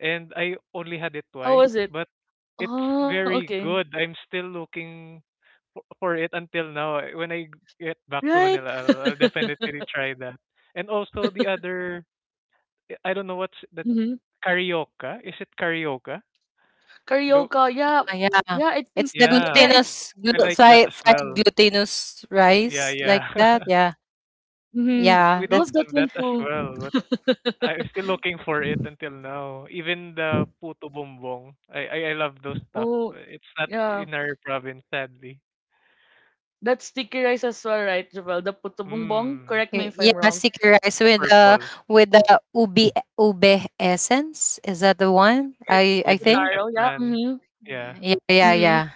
and I only had it
how
twice,
was it?
but it's
Oh,
very
okay.
good. I'm still looking for it until now. When I get back to
Right.
Manila, I'll definitely try that. And also the other, I don't know what's that
Mhm.
carioca. Is it carioca? Though,
Carioca, yeah.
Ah, yeah.
Yeah, I think
It's the
yeah,
yeah,
it's
glutinous, glu
I like that
fry
as
fried
well.
glutinous
Yeah,
rice,
yeah.
like that. Yeah.
mhm.
It,
Yeah,
we
I
don't
that's,
love that
have
one
that as
too.
well, but I'm still looking for it until now. Even the puto bumbong, I love those stuff.
Oh,
It's
yeah.
not in our province, sadly.
That's sticky rice as well, right, Javel? The puto bumbong,
Mm,
correct me if I'm
yeah,
wrong.
sticky rice
the
with the,
purple
with the ubi ube essence. Is that the one? I
with
Or
the
think.
Taro, yeah.
cheplan.
Mm-hmm.
Yeah,
Yeah,
Mm-hmm.
yeah, yeah.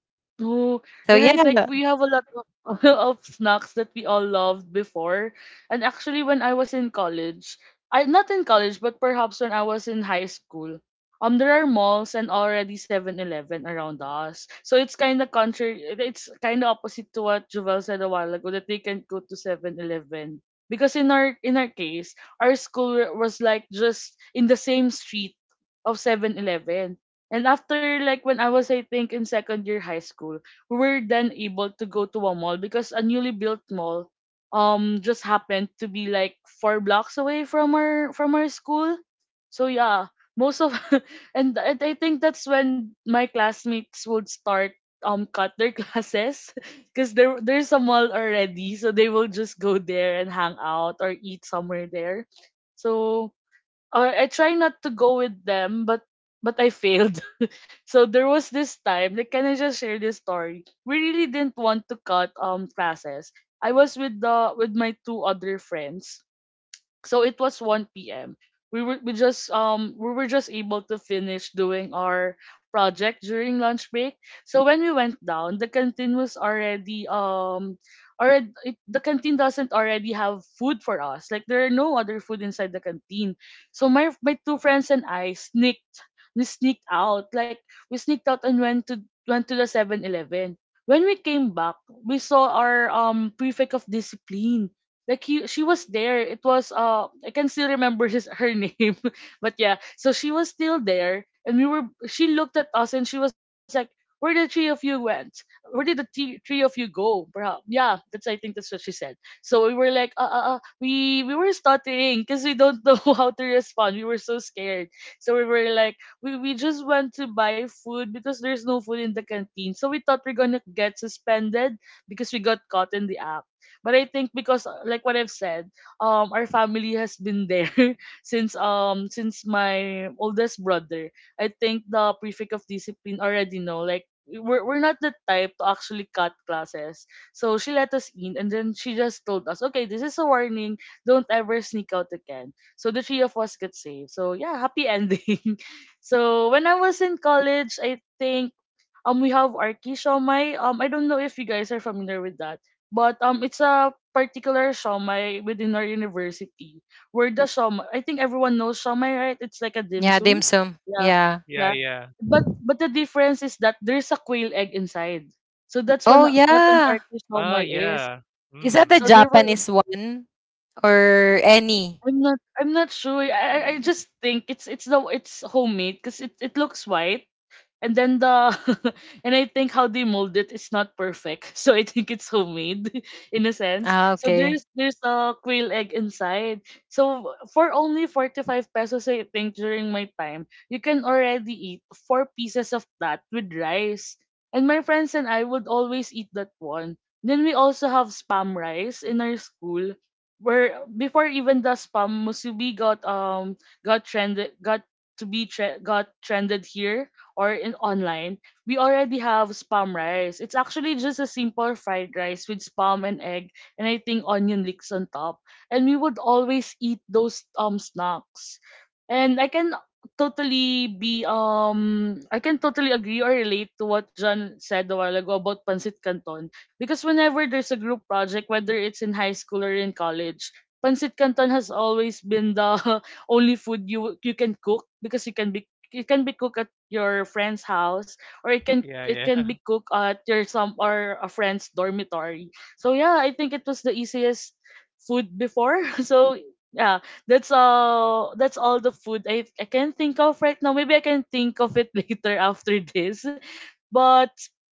Oh, right.
So
Like
yeah.
we have a lot of, of snacks that we all loved before. And actually, when I was in college, I not in college, but perhaps when I was in high school, there are malls and already 7-Eleven around us. So it's kind of contrary. It's kind of opposite to what Jovel said a while ago that they can go to 7-Eleven because in our case, our school was like just in the same street of 7-Eleven. And after like when I was I think in second year high school, we were then able to go to a mall because a newly built mall just happened to be like 4 blocks away from our school. So yeah, most of and I think that's when my classmates would start cut their classes because there's a mall already, so they will just go there and hang out or eat somewhere there. So I try not to go with them, but I failed. So there was this time, like, can I just share this story? We really didn't want to cut classes. I was with the with my two other friends, so it was 1 p.m. We were just able to finish doing our project during lunch break. So when we went down, the canteen was already. The canteen doesn't already have food for us. Like there are no other food inside the canteen. So my two friends and I sneaked out. Like we sneaked out and went to the 7-Eleven. When we came back, we saw our prefect of discipline like you, she was there. It was I can still remember his her name, but yeah. So she was still there, and we were. She looked at us, and she was like, "Where the three of you went? Where did the three of you go?" Perhaps. Yeah, that's I think that's what she said. So we were like, uh, we were stuttering because we don't know how to respond. We were so scared. So we were like, we just went to buy food because there's no food in the canteen. So we thought we're gonna get suspended because we got caught in the act." But I think because like what I've said, our family has been there since my oldest brother. I think the prefect of discipline already know like we're not the type to actually cut classes. So she let us in and then she just told us, okay, this is a warning. Don't ever sneak out again. So the three of us get saved. So yeah, happy ending. So when I was in college, I think we have Arki Shomai. I don't know if you guys are familiar with that. But it's a particular shawmai within our university where the shawmai. I think everyone knows shawmai, right? It's like a dim
Yeah, dim
sum.
sum.
Yeah,
Yeah.
yeah,
yeah.
yeah.
But the difference is that there's a quail egg inside. So that's
Oh
when what an
yeah.
artist
Ah,
shawmai is.
yeah.
Is that the
Mm,
So there was
Japanese one or any?
I'm not sure. I just think it's homemade because it looks white and then the and I think how they mold it is not perfect. So I think it's homemade in a sense.
Ah,
So
okay.
there's a quail egg inside. So for only 45 pesos I think during my time, you can already eat four pieces of that with rice. And my friends and I would always eat that one. Then we also have spam rice in our school where before even the spam musubi got trended got to be tre- got trended here or in online, we already have spam rice. It's actually just a simple fried rice with spam and egg and I think onion leeks on top. And we would always eat those snacks. And I can totally agree or relate to what John said a while ago about Pancit Canton. Because whenever there's a group project, whether it's in high school or in college, Pancit Canton has always been the only food you can cook because you can be it can be cooked your friend's house or it can
yeah,
it
yeah,
can be cooked at your some or a friend's dormitory, so yeah, I think it was the easiest food before. So yeah, that's all the food I can think of right now. Maybe I can think of it later after this, but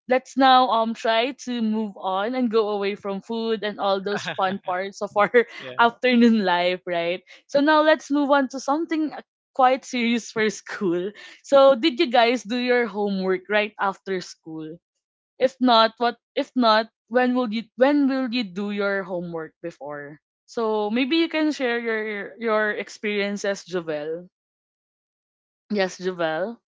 let's now try to move on and go away from food and all those fun parts of our
yeah,
afternoon life, right? So now let's move on to something quite serious for school. So did you guys do your homework right after school? If not, when will you do your homework before? So maybe you can share your experiences, Jovel. Yes, Jovel.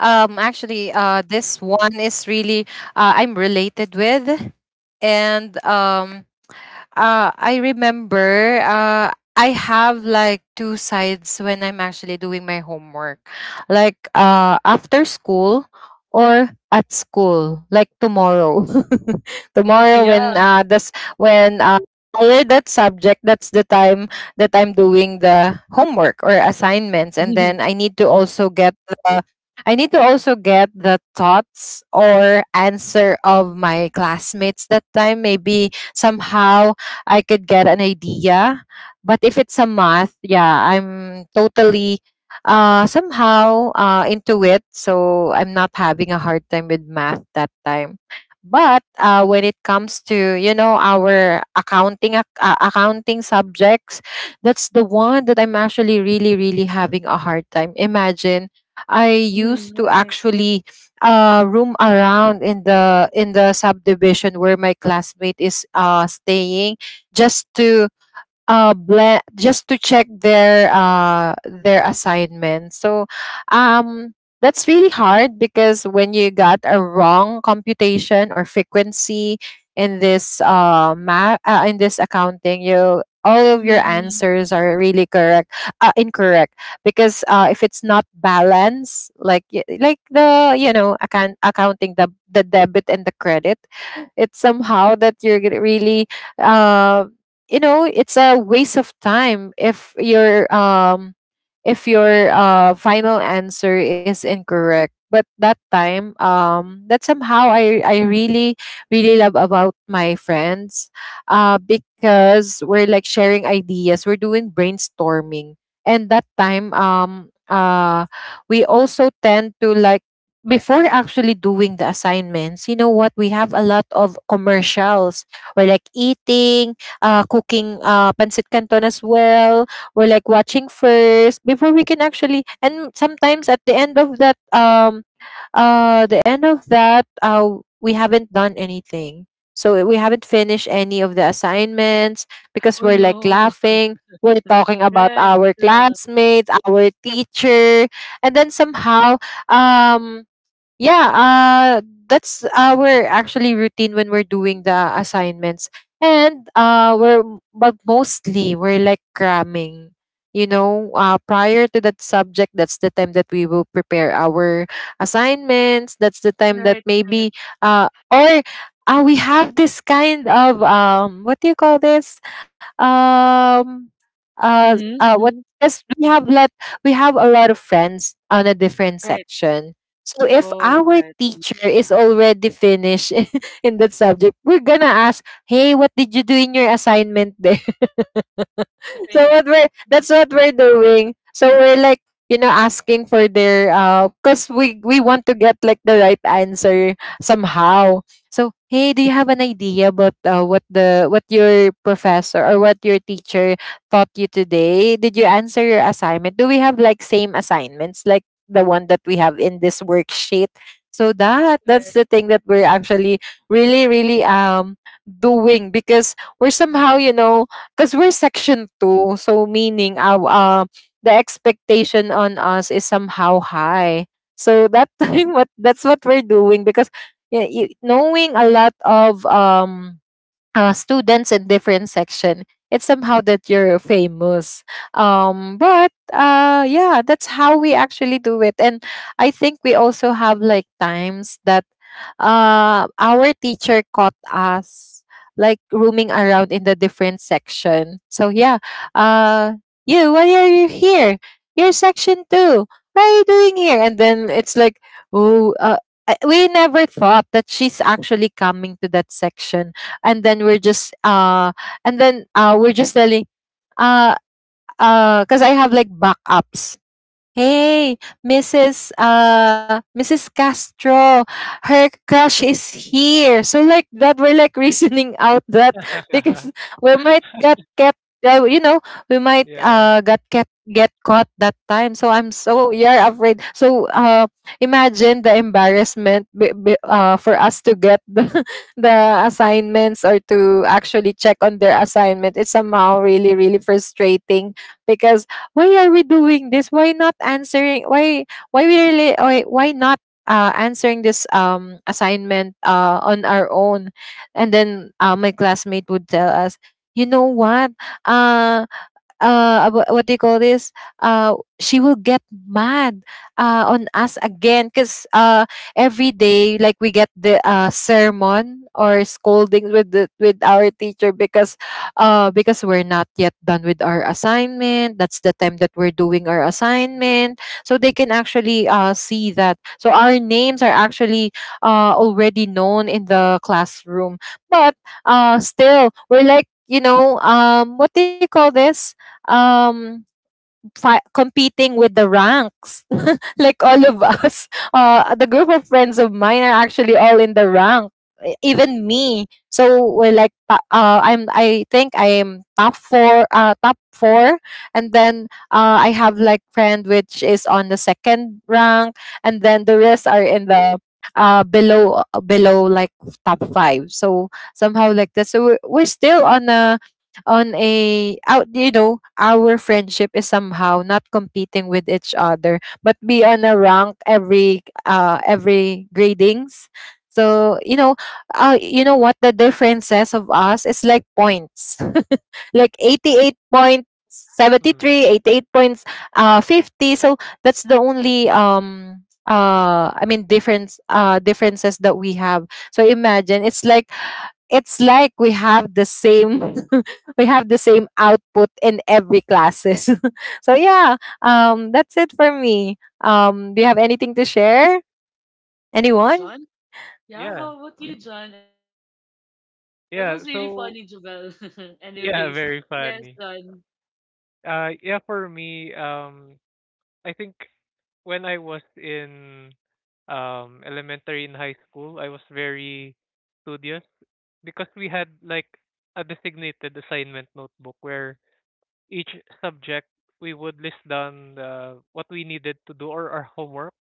This one is really I'm related with, and I remember I have like two sides when I'm actually doing my homework, like after school or at school, like tomorrow. Tomorrow
Yeah.
when this when I read that subject, that's the time that I'm doing the homework or assignments, and
Mhm.
then I need to also get the thoughts or answer of my classmates that time. Maybe somehow I could get an idea. But if it's a math, yeah, I'm totally somehow into it. So I'm not having a hard time with math that time. But when it comes to you know our accounting subjects, that's the one that I'm actually really really having a hard time. Imagine I
Mhm.
used to actually roam around in the subdivision where my classmate is staying just to just to check their assignment, so um that's really hard because when you got a wrong computation or frequency in this in this accounting, you, all of your
Right.
answers are really correct, incorrect, because if it's not balanced like like the you know accounting, the debit and the credit, it's somehow that you're really uh you know it's a waste of time if your final answer is incorrect. But that time, that somehow I really really love about my friends, because we're like sharing ideas, we're doing brainstorming. And that time, we also tend to like, before actually doing the assignments, you know what, we have a lot of commercials. We're like eating, cooking pancit canton as well. We're like watching first before we can actually. And sometimes at the end of that, the end of that, we haven't done anything. So we haven't finished any of the assignments because
Oh,
we're like
no.
laughing. We're talking about
Right,
our
yeah.
classmates, our teacher, and then somehow, um, yeah, uh, that's our actually routine when we're doing the assignments. And uh, we're, but mostly we're like cramming. You know, prior to that subject, that's the time that we will prepare our assignments. That's the time that
Right, right.
maybe, or we have this kind of, what do you call this? Um, uh,
Mhm,
uh, what,
mhm.
yes, we have a lot of friends on a different
Right.
section. So if
Oh,
our
right.
teacher is already finished in that subject, we're gonna ask, "Hey, what did you do in your assignment?" so
Right,
what we're
right,
That's what we're doing. So we're like, you know, asking for their because we want to get like the right answer somehow. So, hey, do you have an idea about what your professor or what your teacher taught you today? Did you answer your assignment? Do we have like same assignments like the one that we have in this worksheet? So that
right.
that's the thing that we're actually really really doing, because we're somehow, you know, 'cause we're section two, so meaning our, the expectation on us is somehow high. So that time what, that's what we're doing, because y y knowing a lot of, students in different section, it's somehow that you're famous. But Yeah, that's how we actually do it. And I think we also have like times that our teacher caught us like roaming around in the different section. So yeah, uh "You, why are you here? You're section two. What are you doing here?" And then it's like, "Oh, we never thought that she's actually coming to that section." And then we're just and then we're just telling, uh because I have like backups. "Hey, Mrs. Mrs. Castro, her crush is here." So like that, we're like reasoning out that, because we might get kept, you know, we might
yeah.
got kept get caught that time. So I'm, so you're afraid. So imagine the embarrassment for us to get the the assignments or to actually check on their assignment. It's somehow really really frustrating because why are we doing this, why not answering, why we really why not answering this assignment on our own. And then my classmate would tell us, you know what, uh what do you call this, uh she will get mad on us again, because every day like we get the sermon or scolding with the, with our teacher, because we're not yet done with our assignment, that's the time that we're doing our assignment, so they can actually see that. So our names are actually already known in the classroom. But still we're like, you know, what do you call this, um competing with the ranks like all of us. The group of friends of mine are actually all in the rank, even me. So we're like, I'm, I think I'm top four. Top four, and then I have like friend which is on the second rank, and then the rest are in the below below like top five. So somehow like that. So we're still on a, on a out, you know, our friendship is somehow not competing with each other, but be on a rank every gradings. So you know, you know what the differences of us is like points, like 88 point
Mm,
73, 88 points 50. So that's the only differences that we have. So imagine, it's like, it's like we have the same, we have the same output in every classes. So yeah, that's it for me. Do you have anything to share, anyone?
John? Yeah,
yeah,
how about you, John?
Mm.
Anything? That
yeah.
was really
So
funny, Jubel.
yeah,
Anyways,
very
yes,
funny.
John.
Yeah, for me. I think when I was in elementary and high school, I was very studious, because we had like a designated assignment notebook where each subject, we would list down what we needed to do, or our homework,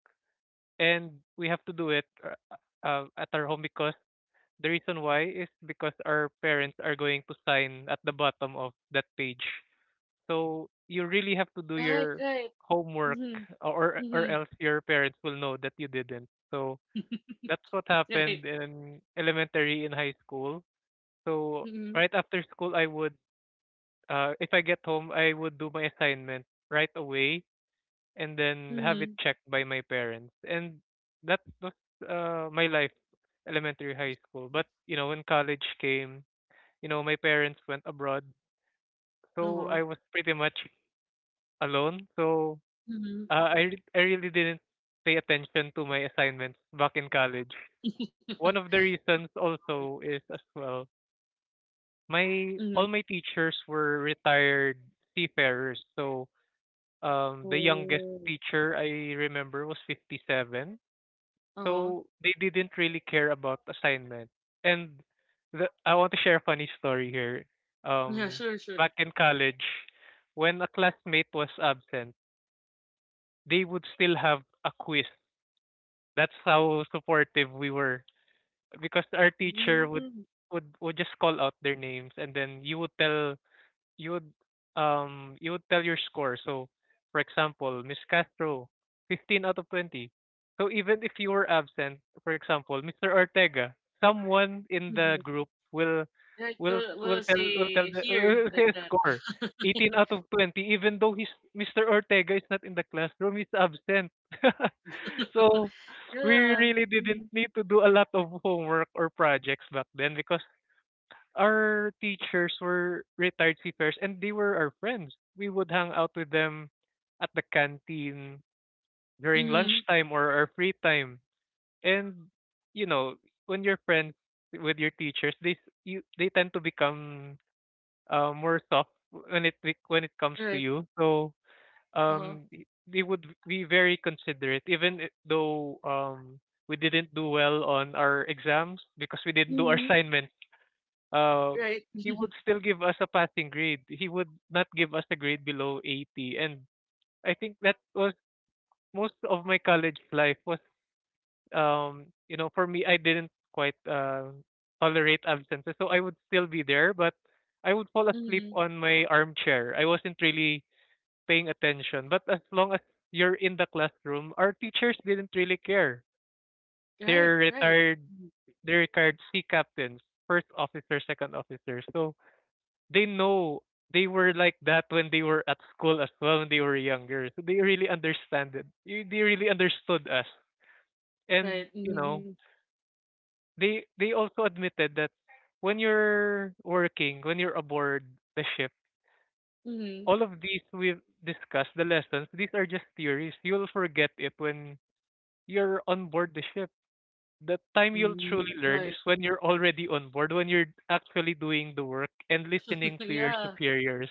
and we have to do it, at our home, because the reason why is because our parents are going to sign at the bottom of that page, so you really have to do
Right,
your
right.
homework,
Mm-hmm,
or
mm-hmm.
else your parents will know that you didn't. So that's what
Right.
happened in elementary and high school. So
Mm-hmm,
right after school, I would if I get home I would do my assignment right away, and then have
mm-hmm.
it checked by my parents. And that was my life, elementary, high school. But when college came, my parents went abroad. So
Uh-huh.
I was pretty much alone. So,
Mm-hmm.
I really didn't pay attention to my assignments back in college. One of the reasons also is, as well, my
Mm-hmm.
all my teachers were retired seafarers. So the youngest
Oh.
teacher I remember was 57.
Uh-huh.
So they didn't really care about assignments. And I want to share a funny story here.
Yeah,
Um
sure, sure.
Back in college when a classmate was absent, they would still have a quiz. That's how supportive we were, because our teacher would
Mm-hmm.
would just call out their names and then you would tell you would you would tell your score. So for example, Miss Castro, 15 out of 20. So even if you were absent, for example, Mr. Ortega, someone in
Mm-hmm.
the group will
Like
will
we'll
will tell will
say
tell the
here
will
like
say a
that.
score. 18 out of 20, even though he's Mr. Ortega is not in the classroom, he's absent. So we
Yeah.
really
Mm-hmm.
didn't need to do a lot of homework or projects back then, because our teachers were retired seafarers and they were our friends. We would hang out with them at the canteen during
Mm-hmm.
lunchtime or our free time. And you know, when you're friends with your teachers, they s- you they tend to become more soft when when it comes
Right.
to you. So
Uh-huh.
they would be very considerate, even though we didn't do well on our exams because we didn't do
Mm-hmm.
our assignment. uh,
Right.
he would still give us a passing grade. He would not give us a grade below 80. And I think that was, most of my college life was, you know, for me, I didn't quite tolerate absences. So I would still be there, but I would fall asleep
Mm-hmm.
on my armchair. I wasn't really paying attention. But as long as you're in the classroom, our teachers didn't really care.
Right.
They're
Right.
retired,
Mhm.
they're retired sea captains, first officer, second officer. So they know they were like that when they were at school as well when they were younger. So they really understand it. They really understood us.
Right.
And you
Mm-hmm.
know, they also admitted that when you're working, when you're aboard the ship,
Mm-hmm.
all of these we've discussed, the lessons, these are just theories. You'll forget it when you're on board the ship. The time you'll
Mm-hmm.
truly
Right.
learn is when you're already on board, when you're actually doing the work and listening to your
Yeah.
superiors.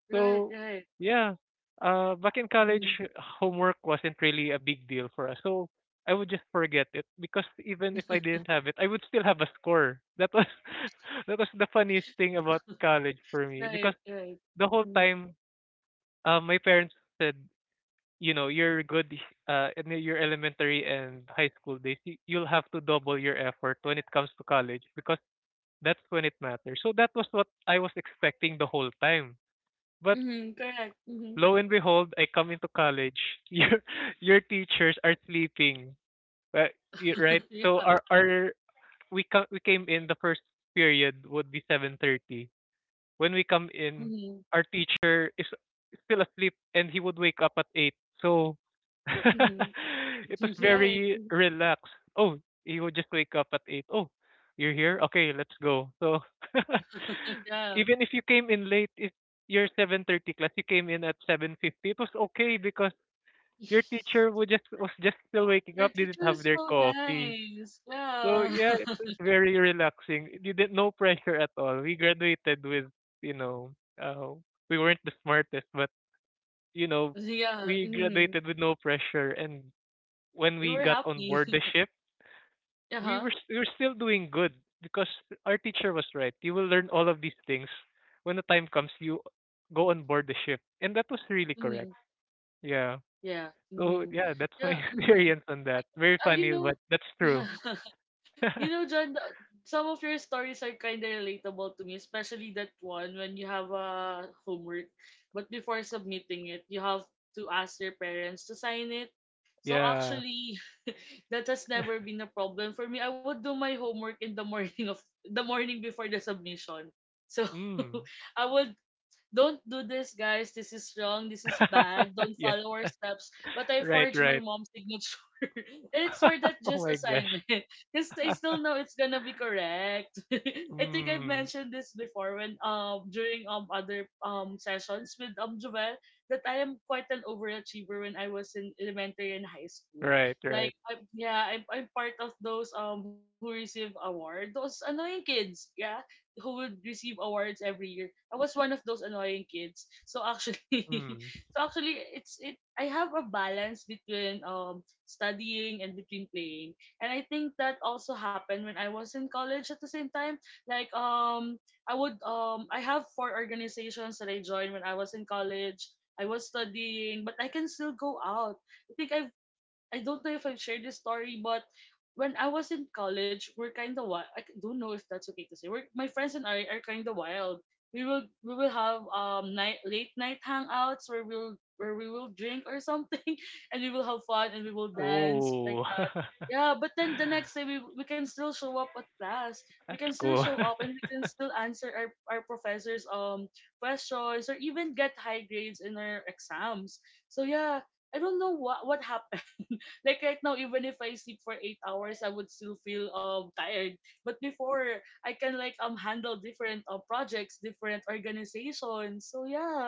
Right.
So
Right.
yeah, back in
Mm-hmm.
college, homework wasn't really a big deal for us. So I would just forget it, because even if I didn't have it, I would still have a score. That was that was the funniest thing about college for me,
Right.
because
Right.
the whole
Mm-hmm.
time, my parents said, you know, you're good in your elementary and high school days. You'll have to double your effort when it comes to college because that's when it matters. So that was what I was expecting the whole time. But
Mm-hmm. Correct. Mm-hmm.
lo and behold, I come into college. Your your teachers are sleeping. Right? Right?
Yeah.
So our we came in, the first period would be 7:30. When we come in,
Mm-hmm.
our teacher is still asleep and he would wake up at eight. So
Mm-hmm.
it was
Right.
very relaxed. Oh, he would just wake up at eight. Oh, you're here? Okay, let's go. So
Yeah.
even if you came in late, if your 7:30 class, you came in at 7:50, it was okay because your teacher would just was just still
Your
waking up,
teacher
didn't
is
have
so
their coffee.
nice. Yeah.
So yeah, it was very relaxing. You did no pressure at all. We graduated with, you know, uh, we weren't the smartest, but you know,
Yeah.
we
Hmm.
graduated with no pressure. And when
You were
we got on
happy.
board the ship,
Uh-huh.
we were still doing good because our teacher was right. You will learn all of these things when the time comes. You go on board the ship, and that was really
Hmm.
correct. Yeah.
Yeah. Hmm.
So yeah, that's
Yeah.
my
Hmm.
experience on
I,
that.
I,
Very
you
funny,
know,
but that's
yeah.
true.
You know, John, some of your stories are kind of relatable to me, especially that one when you have a homework, but before submitting it, you have to ask your parents to sign it. So
Yeah.
actually, that has never been a problem for me. I would do my homework in the morning of the morning before the submission. So
Mm.
I would don't do this, guys. This is wrong. This is bad. Don't
Yes.
follow our steps. But I
Right,
forged my
right.
mom's signature. It's for that just
Oh my gosh.
assignment. Because I still know it's gonna be correct. I think I've
Mm.
mentioned this before when during other sessions with Jovel, that I am quite an overachiever when I was in elementary and high school.
Right,
Like
right.
I, yeah, I'm part of those who receive award. Those annoying kids, yeah, who would receive awards every year. I was one of those annoying kids. So actually,
Mm.
it's it. I have a balance between studying and between playing, and I think that also happened when I was in college. At the same time, I have four organizations that I joined when I was in college. I was studying, but I can still go out. I think I've I don't know if I've shared this story, but when I was in college, we're kind of wild. Don't know if that's okay to say. My friends and I are kind of wild. We will have night late night hangouts where we will drink or something, and we will have fun and we will dance like
Oh.
that. Yeah, but then the next day we can still show up at class. We can
That's
still show
cool.
up and we can still answer our professors questions or even get high grades in our exams. So yeah, I don't know what happened. Like right now, even if I sleep for 8 hours, I would still feel tired. But before, I can like handle different projects, different organizations. So yeah.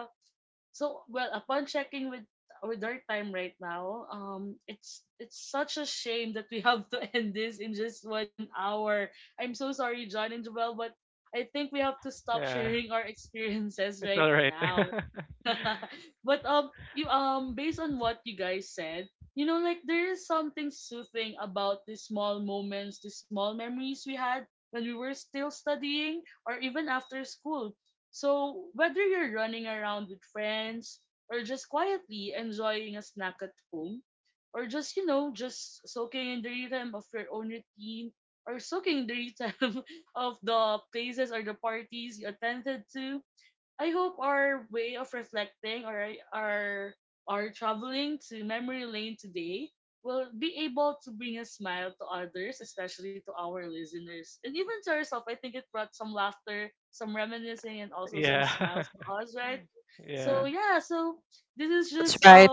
So well, upon checking with our time right now, it's such a shame that we have to end this in just 1 hour. I'm so sorry, John and Joel, but I think we have to stop
Yeah.
sharing our experiences
It's
right
all right.
now. But you based on what you guys said, like there is something soothing about the small moments, the small memories we had when we were still studying or even after school. So whether you're running around with friends or just quietly enjoying a snack at home, or just just soaking in the rhythm of your own routine, or soaking in the rhythm of the places or the parties you attended to. I hope our way of reflecting or our traveling to memory lane today will be able to bring a smile to others, especially to our listeners. And even to ourselves, I think it brought some laughter, some reminiscing, and also some smiles
Yeah.
to us, right? So
Yeah.
yeah, so
That's
this is
right.
just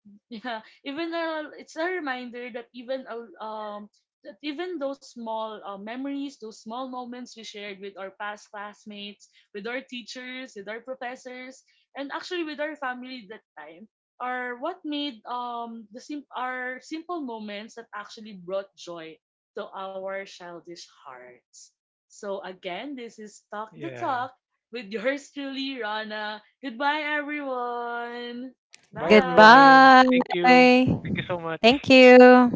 Yeah, it's a reminder that even that even those small memories, those small moments we shared with our past classmates, with our teachers, with our professors, and actually with our family that time are what made our simple moments that actually brought joy to our childish hearts. So again, this is Talk the
Yeah.
Talk with yours truly, Rana. Goodbye, everyone.
Bye,
Bye.
everyone.
Goodbye.
Thank you. Thank you so much.
Thank you.